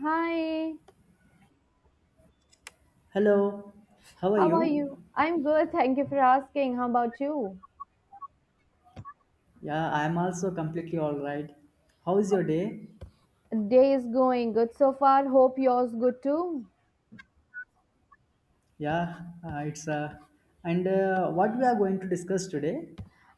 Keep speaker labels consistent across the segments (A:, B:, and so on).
A: Hi,
B: Hello, how are
A: how are you?
B: you?
A: I'm good, thank you for asking. How about you?
B: Yeah, I'm also completely all right. How is your day?
A: Day is going good so far. Hope yours good too.
B: Yeah, it's and what we are going to discuss today?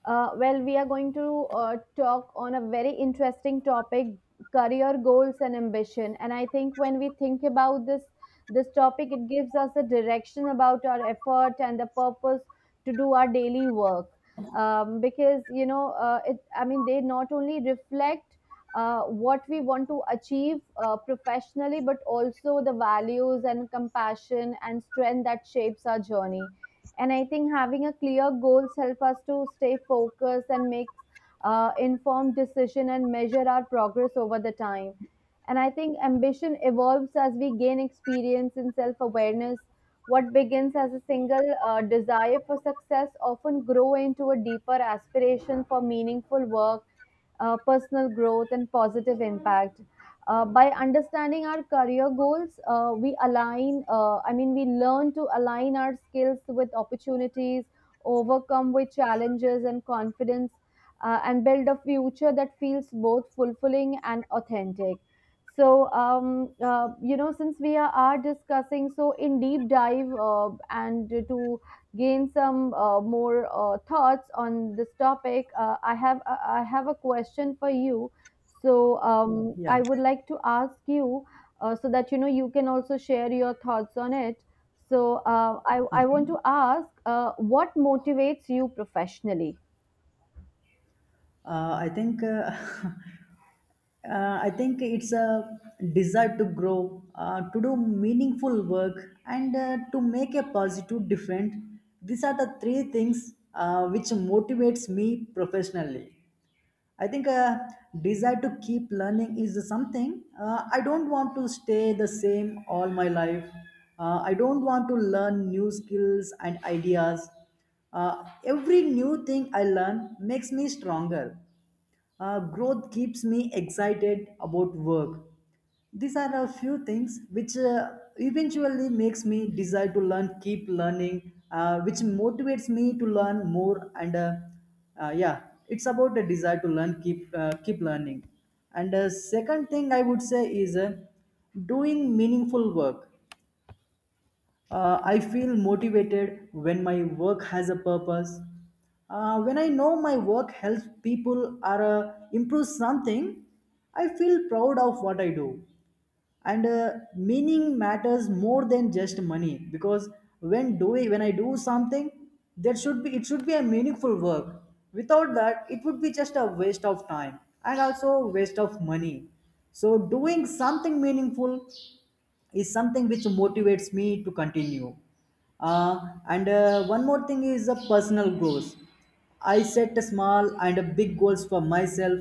A: Well, we are going to talk on a very interesting topic: career goals and ambition. And I think when we think about this topic, it gives us a direction about our effort and the purpose to do our daily work. Because, I mean, they not only reflect what we want to achieve professionally, but also the values and compassion and strength that shapes our journey. And I think having a clear goals help us to stay focused and make informed decision and measure our progress over the time. And I think ambition evolves as we gain experience and self awareness. What begins as a single desire for success often grow into a deeper aspiration for meaningful work, personal growth, and positive impact. By understanding our career goals, we align, I mean, we learn to align our skills with opportunities, overcome with challenges and confidence, and build a future that feels both fulfilling and authentic. So since we are discussing so in deep dive, and to gain some more thoughts on this topic, I have a question for you. So I
B: Yeah,
A: would like to ask you, so that you know you can also share your thoughts on it. So, I want to ask, what motivates you professionally?
B: I think I think it's a desire to grow, to do meaningful work, and to make a positive difference. These are the three things which motivates me professionally. I think a desire to keep learning is something I don't want to stay the same all my life. I don't want to learn new skills and ideas. Every new thing I learn makes me stronger. Growth keeps me excited about work. These are a few things which eventually makes me desire to learn, keep learning, which motivates me to learn more. And yeah, it's about a desire to learn, keep learning. And second thing I would say is doing meaningful work. I feel motivated when my work has a purpose. When I know my work helps people or improves something, I feel proud of what I do, and meaning matters more than just money, because when I do something there should be, it should be a meaningful work. Without that, it would be just a waste of time and also waste of money. So doing something meaningful is something which motivates me to continue. uh, and one more thing is a personal growth. I set a small and a big goals for myself,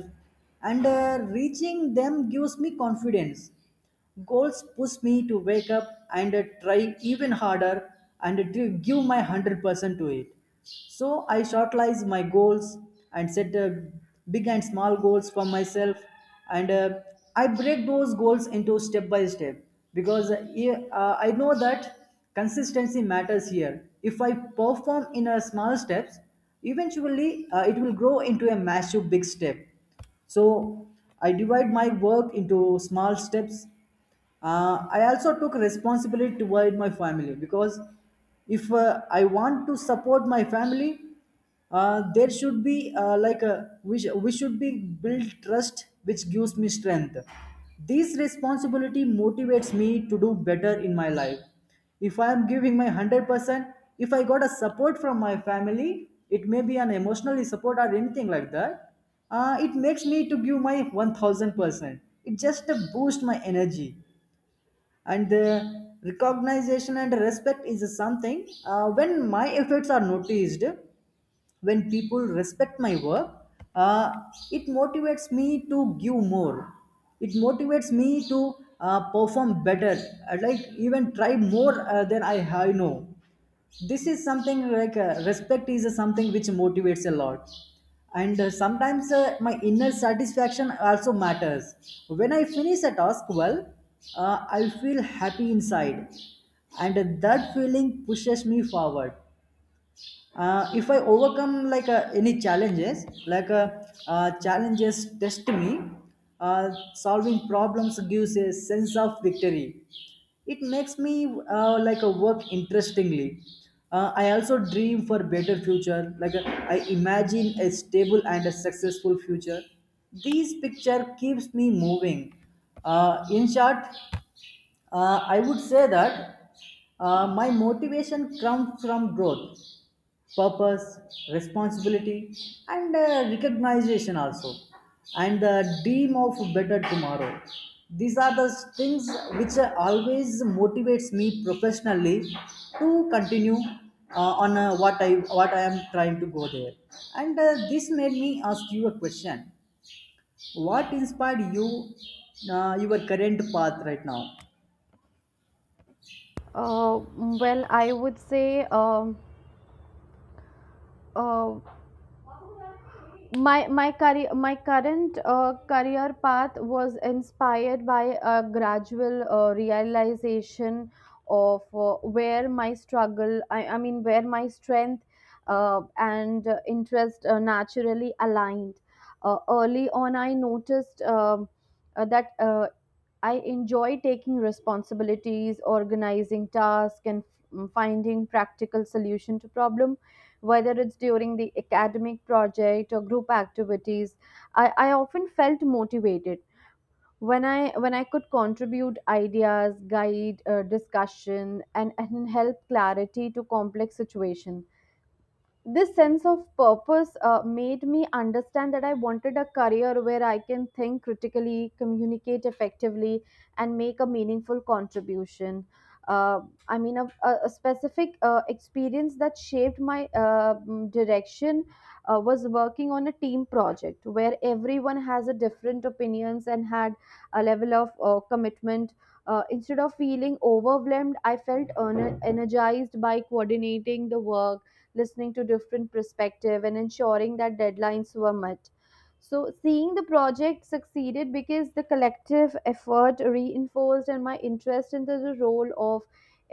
B: and reaching them gives me confidence. Goals push me to wake up and try even harder and to give my 100% to it. So I shortlize my goals and set big and small goals for myself, and I break those goals into step by step, because yeah, I know that consistency matters here. If I perform in a small steps, eventually it will grow into a massive big step. So I divide my work into small steps. I also took responsibility toward my family, because if I want to support my family, there should be like a, we should be build trust which gives me strength. This responsibility motivates me to do better in my life. If I am giving my 100%, if I got a support from my family, it may be an emotional support or anything like that, it makes me to give my 1000%. It just boosts my energy. And the recognition and respect is something when my efforts are noticed, when people respect my work, uh, it motivates me to give more, it motivates me to perform better, like even try more than I have know. This is something like respect is something which motivates a lot. And sometimes my inner satisfaction also matters. When I finish a task well, I feel happy inside, and that feeling pushes me forward. If I overcome like any challenges like, challenges test me. Solving problems gives a sense of victory. It makes me like a work interestingly. I also dream for better future like, I imagine a stable and a successful future. This picture keeps me moving. In short, I would say that my motivation comes from growth, purpose, responsibility, and recognition also, and the dream of better tomorrow. These are the things which always motivates me professionally to continue uh, on what I am trying to go there. And this made me ask you a question: what inspired you, your current path right now?
A: Well, I would say, uh, my current career path was inspired by a gradual realization of where my I mean, where my strength and interest naturally aligned. Early on I noticed, that I enjoy taking responsibilities, organizing tasks, and finding practical solution to problem. Whether it's during the academic project or group activities, I often felt motivated when I could contribute ideas, guide discussion, and help clarity to complex situation. This sense of purpose made me understand that I wanted a career where I can think critically, communicate effectively, and make a meaningful contribution. Uh, I mean, a specific experience that shaped my direction was working on a team project where everyone has a different opinions and had a level of commitment. Instead of feeling overwhelmed, I felt energized by coordinating the work, listening to different perspective, and ensuring that deadlines were met. So seeing the project succeeded because the collective effort reinforced and my interest in the role of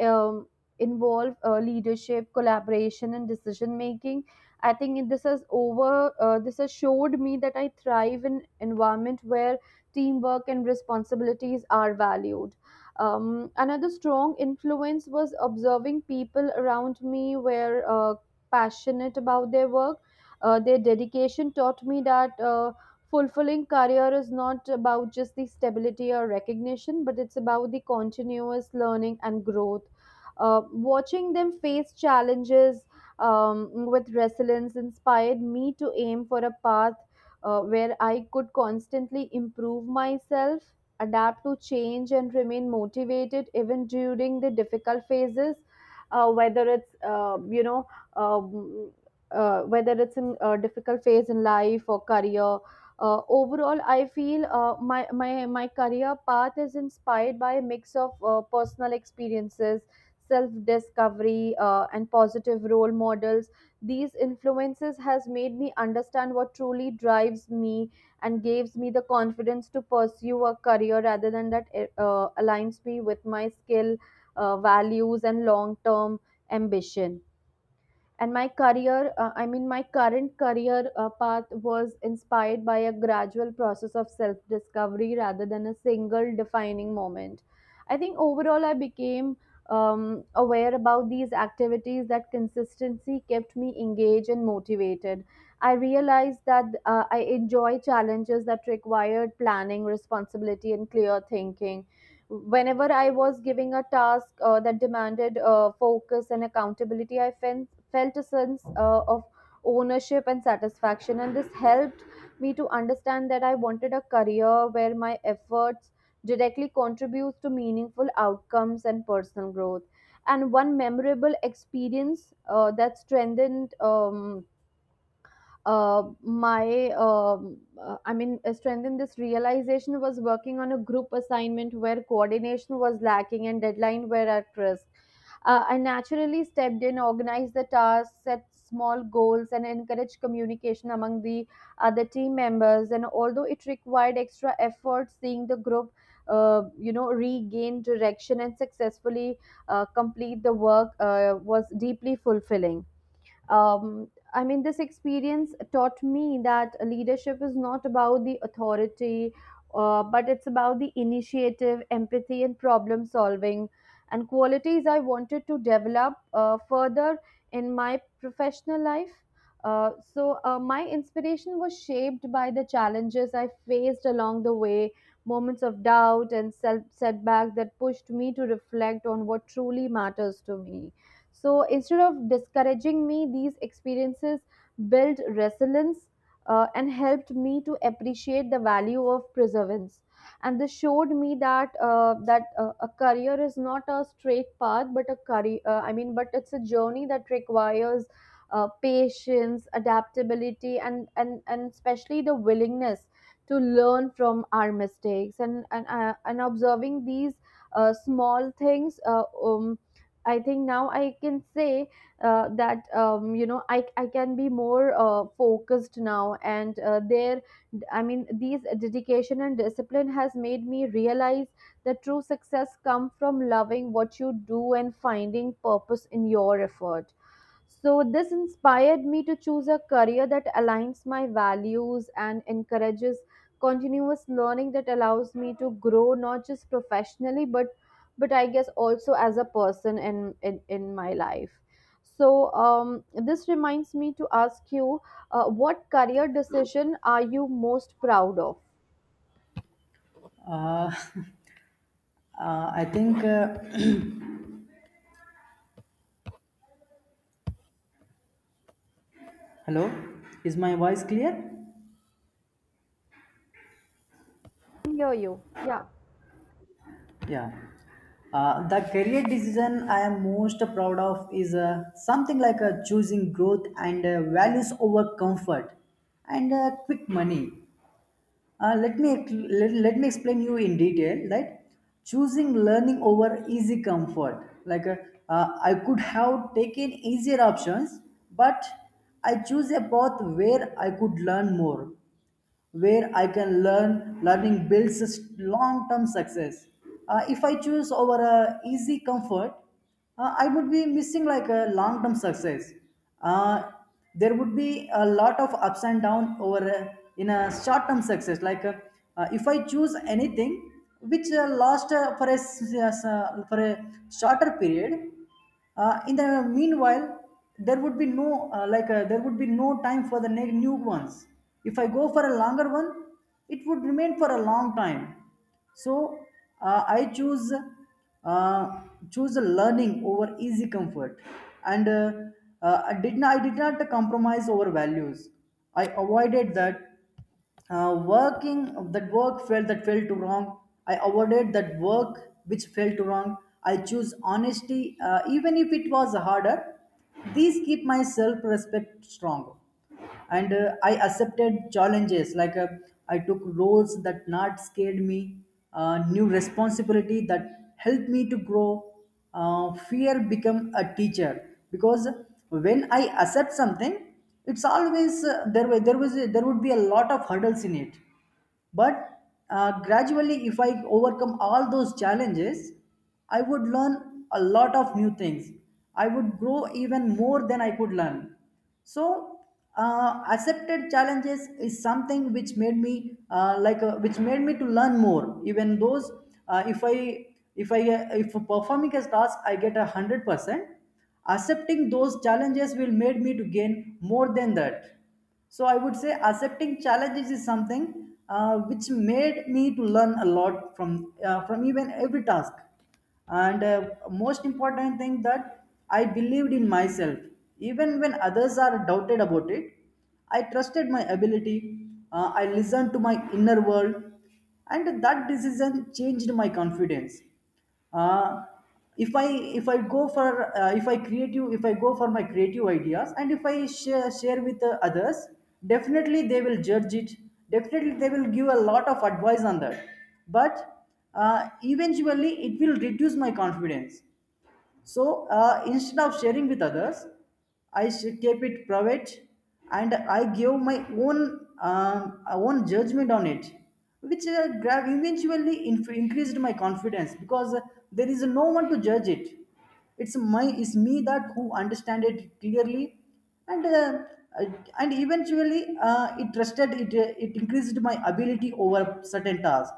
A: um, involve leadership, collaboration, and decision making. I think this has showed me that I thrive in environment where teamwork and responsibilities are valued. Another strong influence was observing people around me where passionate about their work. Their dedication taught me that fulfilling career is not about just the stability or recognition, but it's about the continuous learning and growth. Watching them face challenges with resilience inspired me to aim for a path where I could constantly improve myself, adapt to change, and remain motivated even during the difficult phases, uh, whether it's uh, you know um, whether it's in a difficult phase in life or career. Overall, I feel, my career path is inspired by a mix of personal experiences, self discovery, and positive role models. These influences has made me understand what truly drives me and gives me the confidence to pursue a career rather than that aligns me with my skill, values, and long term ambition. And my career, I mean, my current career path was inspired by a gradual process of self discovery rather than a single defining moment. I think overall I became aware about these activities that consistency kept me engaged and motivated. I realized that, I enjoy challenges that required planning, responsibility, and clear thinking. Whenever I was giving a task that demanded focus and accountability, I felt a sense of ownership and satisfaction. And this helped me to understand that I wanted a career where my efforts directly contributes to meaningful outcomes and personal growth. And one memorable experience that strengthened, my I mean, strength in this realization was working on a group assignment where coordination was lacking and deadline were at risk. I naturally stepped in, organized the tasks, set small goals, and encouraged communication among the other team members. And although it required extra effort, seeing the group regain direction and successfully complete the work was deeply fulfilling. um, I mean, this experience taught me that leadership is not about the authority, but it's about the initiative, empathy, and problem solving. And qualities I wanted to develop further in my professional life. So, my inspiration was shaped by the challenges I faced along the way, moments of doubt and self setback that pushed me to reflect on what truly matters to me. So instead of discouraging me, these experiences built resilience and helped me to appreciate the value of perseverance. And this showed me that, a career is not a straight path, but a career. I mean, but it's a journey that requires patience, adaptability, and especially the willingness to learn from our mistakes. And observing these small things, I think now I can say that, I can be more focused now, and there, I mean, these dedication and discipline has made me realize that true success come from loving what you do and finding purpose in your effort. So, this inspired me to choose a career that aligns my values and encourages continuous learning that allows me to grow not just professionally but I guess, also as a person in my life. So, this reminds me to ask you, what career decision are you most proud of?
B: Uh, I think. Hello, is my voice clear?
A: Hear you. Yeah.
B: Yeah. The career decision I am most proud of is something like choosing growth and values over comfort and quick money. Let me let me explain you in detail. Right, choosing learning over easy comfort. Like, I could have taken easier options, but I choose a path where I could learn more, where I can learn. Learning builds long term success. If I choose over a easy comfort, I would be missing like a long term success. Uh, there would be a lot of ups and downs over a, in a short term success. Like, if I choose anything which last for a s- s- for a shorter period, in the meanwhile, there would be no, there would be no time for the new ones. If I go for a longer one, it would remain for a long time. So I uh, choose learning over easy comfort. And I did not, I did not compromise over values. I avoided that, working that work felt that felt too wrong. I avoided that work which felt too wrong. I choose honesty, even if it was harder. These keep my self-respect strong, and I accepted challenges like, I took roles that not scared me, new responsibility that helped me to grow. Fear become a teacher, because when I accept something, it's always there. Wa- There was there would be a lot of hurdles in it, but gradually, if I overcome all those challenges, I would learn a lot of new things, I would grow even more than I could learn. So accepted challenges is something which made me, which made me to learn more, even those. Uh, if i if i uh, if performing a task I get a 100%, accepting those challenges will made me to gain more than that. So I would say accepting challenges is something which made me to learn a lot from, from even every task. And most important thing that I believed in myself, even when others are doubted about it. I trusted my ability. I listened to my inner world, and that decision changed my confidence. Uh, if i if i go for, if I go for my creative ideas, and if I share with others, definitely they will judge it, definitely they will give a lot of advice on that, but eventually it will reduce my confidence. So instead of sharing with others, I keep it private, and I give my own own judgment on it, which eventually increased my confidence, because there is no one to judge it. It's my, it's me that who understand it clearly, and uh, uh, and eventually it trusted it, it increased my ability over certain tasks.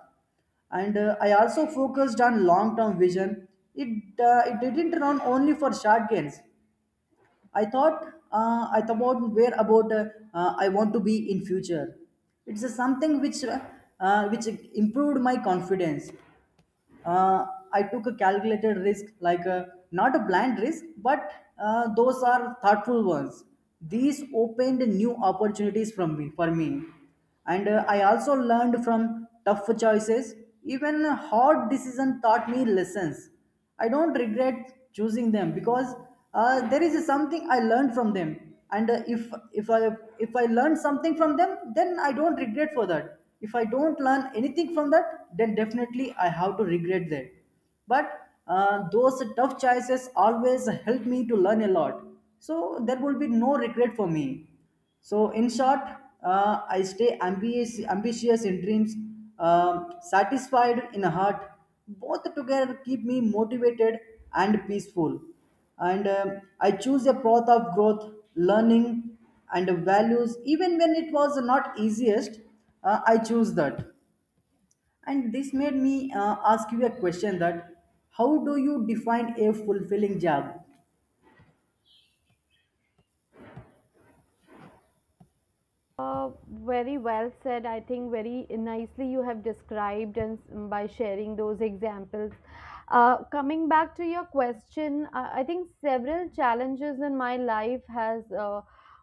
B: And I also focused on long term vision. It it didn't run only for short gains. I thought, I thought about where about, I want to be in future. It's something which, which improved my confidence. uh, I took a calculated risk, like a, not a blind risk, but those are thoughtful ones. These opened new opportunities from me, for me, and I also learned from tough choices. Even hard decision taught me lessons. I don't regret choosing them, because there is something I learned from them, and if I learn something from them, then I don't regret for that. If I don't learn anything from that, then definitely I have to regret that. But those tough choices always help me to learn a lot, so there will be no regret for me. So, in short, I stay ambitious, ambitious in dreams, satisfied in heart. Both together keep me motivated and peaceful. And I choose a path of growth, learning, and values. Even when it was not easiest, I choose that. And this made me ask you a question: that how do you define a fulfilling job?
A: Uh, Very well said. I think very nicely you have described and by sharing those examples. Coming back to your question, I think several challenges in my life has,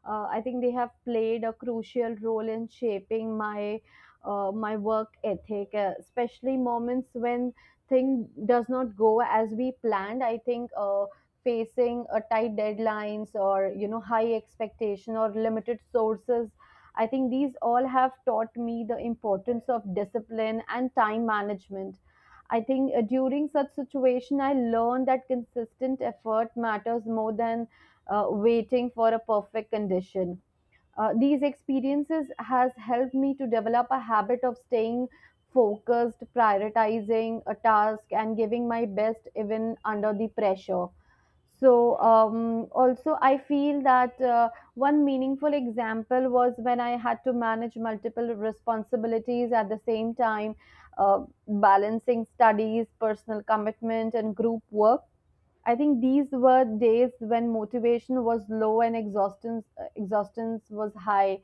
A: I think they have played a crucial role in shaping my work ethic, especially moments when thing does not go as we planned, I think. Facing a tight deadlines or, high expectation or limited sources, I think these all have taught me the importance of discipline and time management. I think during such situation, I learned that consistent effort matters more than waiting for a perfect condition. These experiences has helped me to develop a habit of staying focused, prioritizing a task, and giving my best even under the pressure. So also, I feel that, one meaningful example was when I had to manage multiple responsibilities at the same time, uh, balancing studies, personal commitment, and group work. I think these were days when motivation was low and exhaustion was high.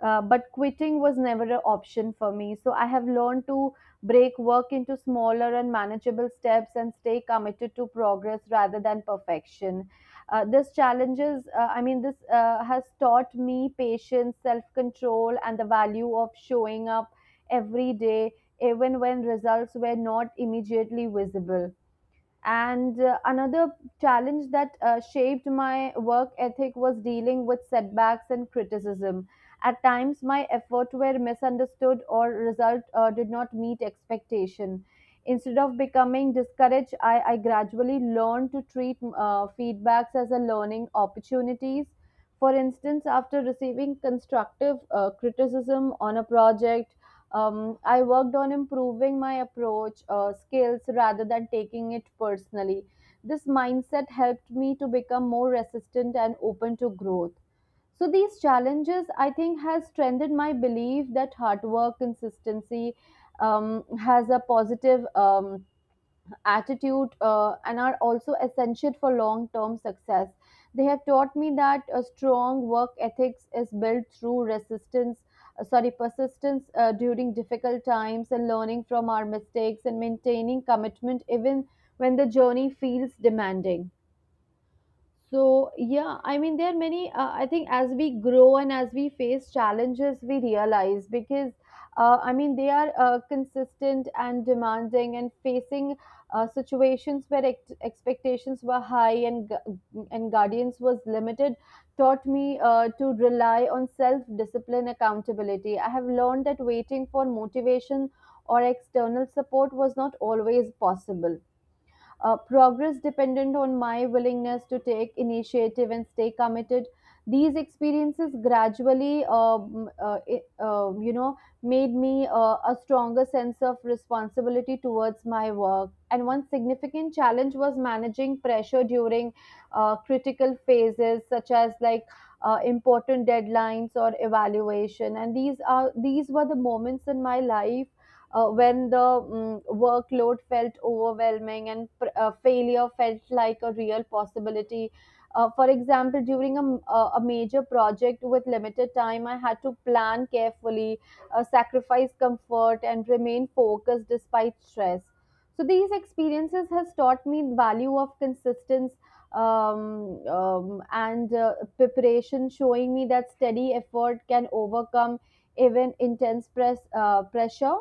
A: But quitting was never an option for me. So I have learned to break work into smaller and manageable steps and stay committed to progress rather than perfection. This challenges, I mean, this has taught me patience, self control, and the value of showing up every day, even when results were not immediately visible. And another challenge that shaped my work ethic was dealing with setbacks and criticism. At times, my efforts were misunderstood or result did not meet expectation. Instead of becoming discouraged, I gradually learned to treat feedbacks as a learning opportunities. For instance, after receiving constructive criticism on a project, I worked on improving my approach, skills, rather than taking it personally. This mindset helped me to become more resistant and open to growth. So these challenges, I think, has strengthened my belief that hard work, consistency, has a positive attitude and are also essential for long term success. They have taught me that a strong work ethics is built through resistance, sorry, persistence during difficult times and learning from our mistakes and maintaining commitment even when the journey feels demanding. So, yeah, I mean, there are many. I think as we grow and as we face challenges, we realize because, I mean, they are consistent and demanding and facing situations where expectations were high and guardians was limited taught me to rely on self discipline accountability. I have learned that waiting for motivation or external support was not always possible. Progress dependent on my willingness to take initiative and stay committed. These experiences gradually, made me a stronger sense of responsibility towards my work. And one significant challenge was managing pressure during critical phases, such as like important deadlines or evaluation. And these were the moments in my life when the workload felt overwhelming and failure felt like a real possibility. For example, during a major project with limited time, I had to plan carefully, sacrifice comfort, and remain focused despite stress. So these experiences has taught me the value of consistency um, and preparation, showing me that steady effort can overcome even intense pressure.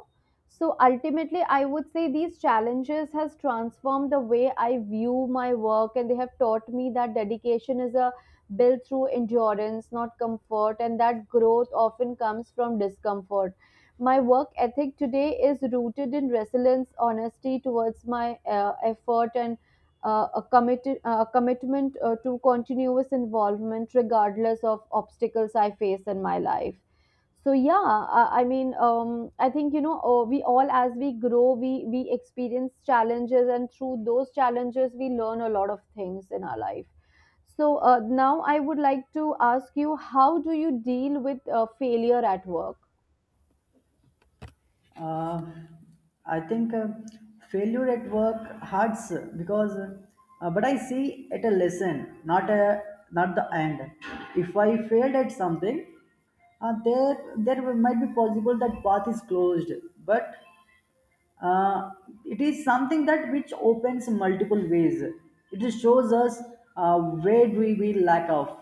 A: So ultimately, I would say these challenges has transformed the way I view my work, and they have taught me that dedication is a built through endurance, not comfort, and that growth often comes from discomfort. My work ethic today is rooted in resilience, honesty towards my effort, and a committed commitment to continuous involvement regardless of obstacles I face in my life. So yeah, I think, you know, we all, as we grow, we experience challenges, and through those challenges we learn a lot of things in our life. So now I would like to ask you, how do you deal with failure at work?
B: Uh, I think failure at work hurts, because, but I see it a lesson, not a, not the end. If I failed at something, there might be possible that path is closed, but uh, it is something that which opens multiple ways. It shows us where do we lack of.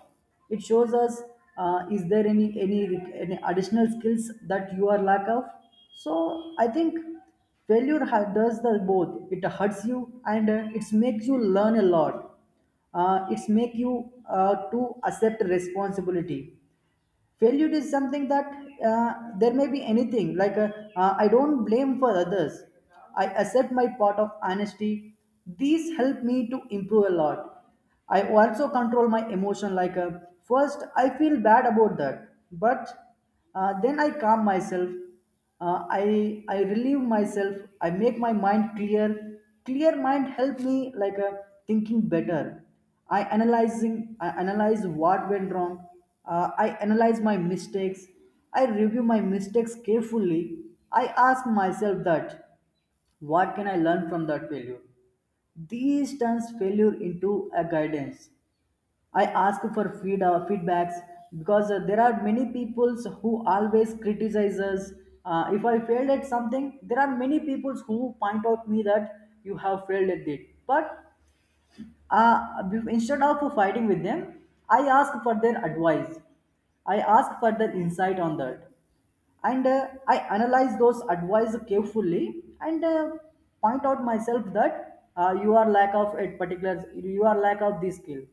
B: It shows us, is there any additional skills that you are lack of? So I think failure does the both: it hurts you, and it makes you learn a lot. It's make you to accept responsibility. Failure is something that, there may be anything like I don't blame for others. I accept my part of honesty. These help me to improve a lot. I also control my emotion, like, first I feel bad about that, but then I calm myself. Uh, i i relieve myself. I make my mind clear. Clear mind help me, like a, thinking better. I analyzing, I analyze what went wrong. I analyze my mistakes. I review my mistakes carefully. I ask myself that, what can I learn from that failure? These turns failure into a guidance. I ask for feedbacks, because there are many people who always criticize us. If I failed at something, there are many people who point out me that you have failed at it. But instead of fighting with them, I ask for their advice. I ask for their insight on that, and I analyze those advice carefully, and point out myself that, you are lack of a particular, you are lack of this skill,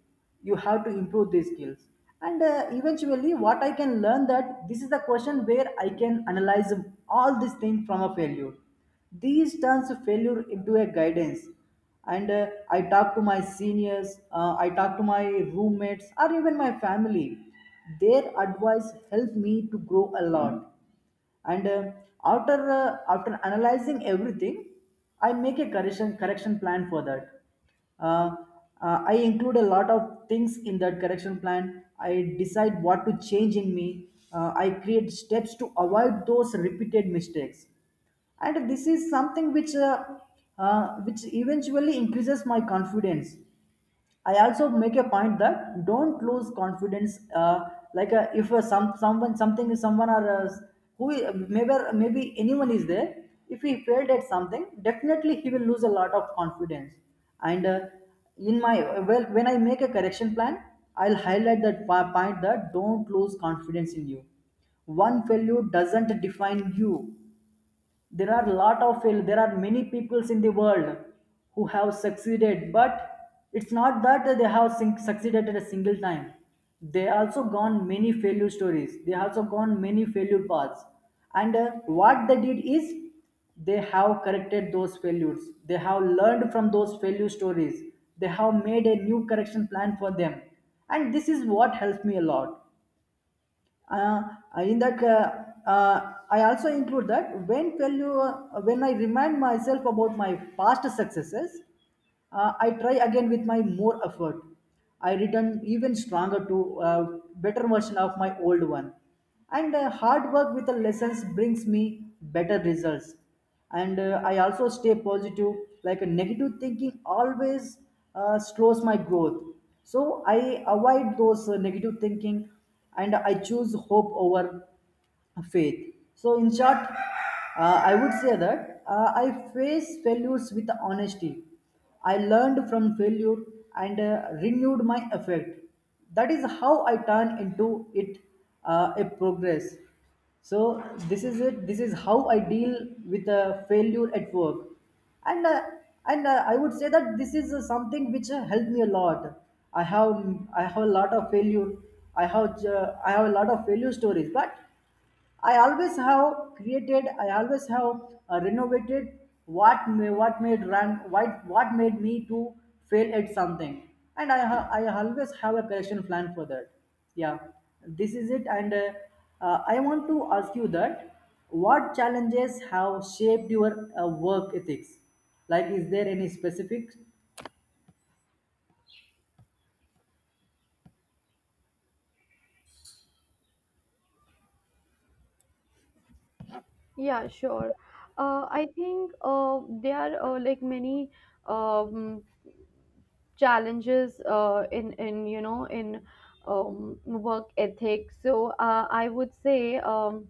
B: you have to improve these skills. And eventually what I can learn, that this is the question where I can analyze all these things from a failure. These turns failure into a guidance. And I talk to my seniors, I talk to my roommates or even my family. Their advice helped me to grow a lot. And after after analyzing everything, I make a correction plan for that. uh, I include a lot of things in that correction plan. I decide what to change in me. I create steps to avoid those repeated mistakes, and this is something which eventually increases my confidence. I also make a point that, don't lose confidence. If someone, something is someone, or maybe, anyone is there. If he failed at something, definitely he will lose a lot of confidence. And in my, well, when I make a correction plan, I'll highlight that point that don't lose confidence in you. One failure doesn't define you. There are lot of fail there are many peoples in the world who have succeeded, but it's not that they have succeeded at a single time. They also gone many failure stories, they also gone many failure paths. And what they did is, they have corrected those failures, they have learned from those failure stories, they have made a new correction plan for them. And this is what helps me a lot. Uh, in that I also include that, when tell you when I remind myself about my past successes, I try again with my more effort. I return even stronger, to a better version of my old one. And hard work with the lessons brings me better results. And I also stay positive. Like, a negative thinking always slows my growth. So I avoid those negative thinking, and I choose hope over faith. So, in short, I would say that I face failures with honesty. I learned from failure, and renewed my effect. That is how I turn into it a progress. So, this is it. This is how I deal with a failure at work. And uh, and uh, I would say that this is something which helped me a lot. I have I have a lot of failure. I have a lot of failure stories, but I always have created, I always have renovated what made run what made me to fail at something. And I always have a correction plan for that. Yeah, this is it. And I want to ask you that, what challenges have shaped your work ethics? Like, is there any specific.
A: Yeah, sure. I think there are like many um, challenges in um, work ethic. So I would say. Um,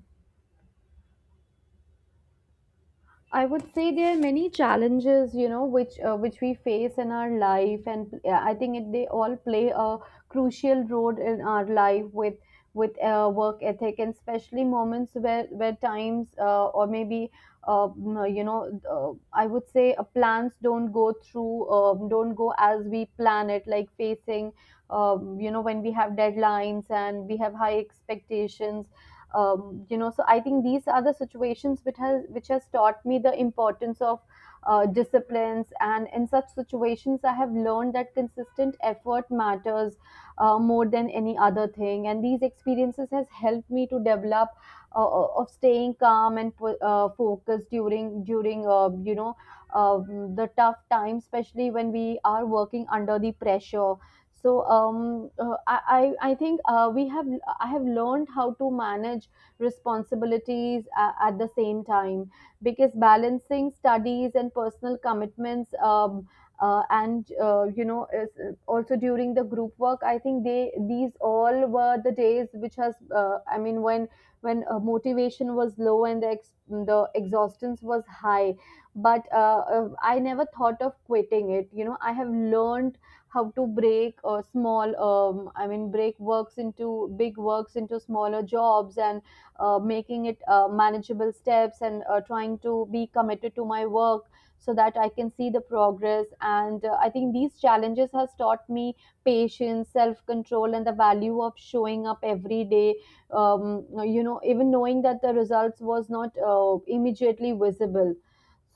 A: I would say there are many challenges, you know, which we face in our life, and I think it, they all play a crucial role in our life with with work ethic, and especially moments where times or maybe mm, you know, I would say plans don't go through, don't go as we plan it, like facing, you know, when we have deadlines and we have high expectations. So I think these are the situations which has taught me the importance of disciplines, and in such situations I have learned that consistent effort matters more than any other thing, and these experiences has helped me to develop of staying calm and focused during uh the tough times, especially when we are working under the pressure. So I think we have, I have learned how to manage responsibilities at the same time, because balancing studies and personal commitments, and you know is, also during the group work, I think they these all were the days which has, I mean, when motivation was low and the the exhaustion was high, but I never thought of quitting it. You know, I have learned how to break small I mean break works into big works into smaller jobs, and making it manageable steps, and trying to be committed to my work so that I can see the progress. And I think these challenges has taught me patience, self control, and the value of showing up every day, um, you know, even knowing that the results was not immediately visible.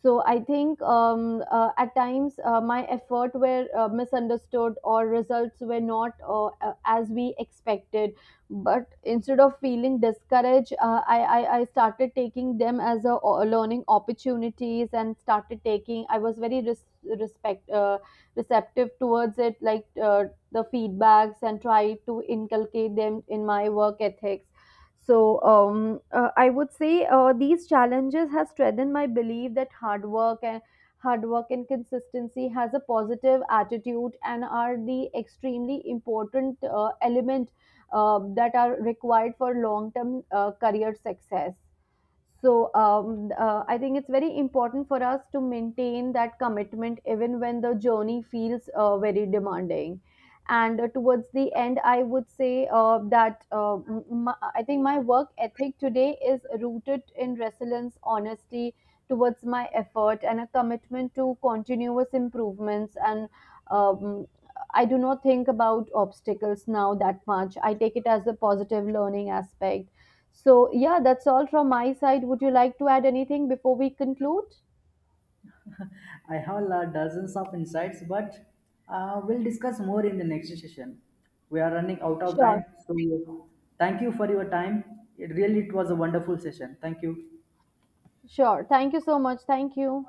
A: So I think at times my effort were misunderstood or results were not as we expected. But instead of feeling discouraged, I started taking them as learning opportunities and started taking. I was very respect receptive towards it, like the feedbacks, and tried to inculcate them in my work ethics. So I would say these challenges has strengthened my belief that hard work and consistency has a positive attitude and are the extremely important element that are required for long term career success. So I think it's very important for us to maintain that commitment even when the journey feels very demanding. And towards the end, I would say I think my work ethic today is rooted in resilience, honesty towards my effort, and a commitment to continuous improvements. And um, I do not think about obstacles now that much. I take it as a positive learning aspect. So yeah, that's all from my side. Would you like to add anything before we conclude?
B: I have dozens of insights, but we'll discuss more in the next session. We are running out of
A: Sure,
B: time, so thank you for your time. It was a wonderful session. Thank you.
A: sure. Thank you so much. Thank you.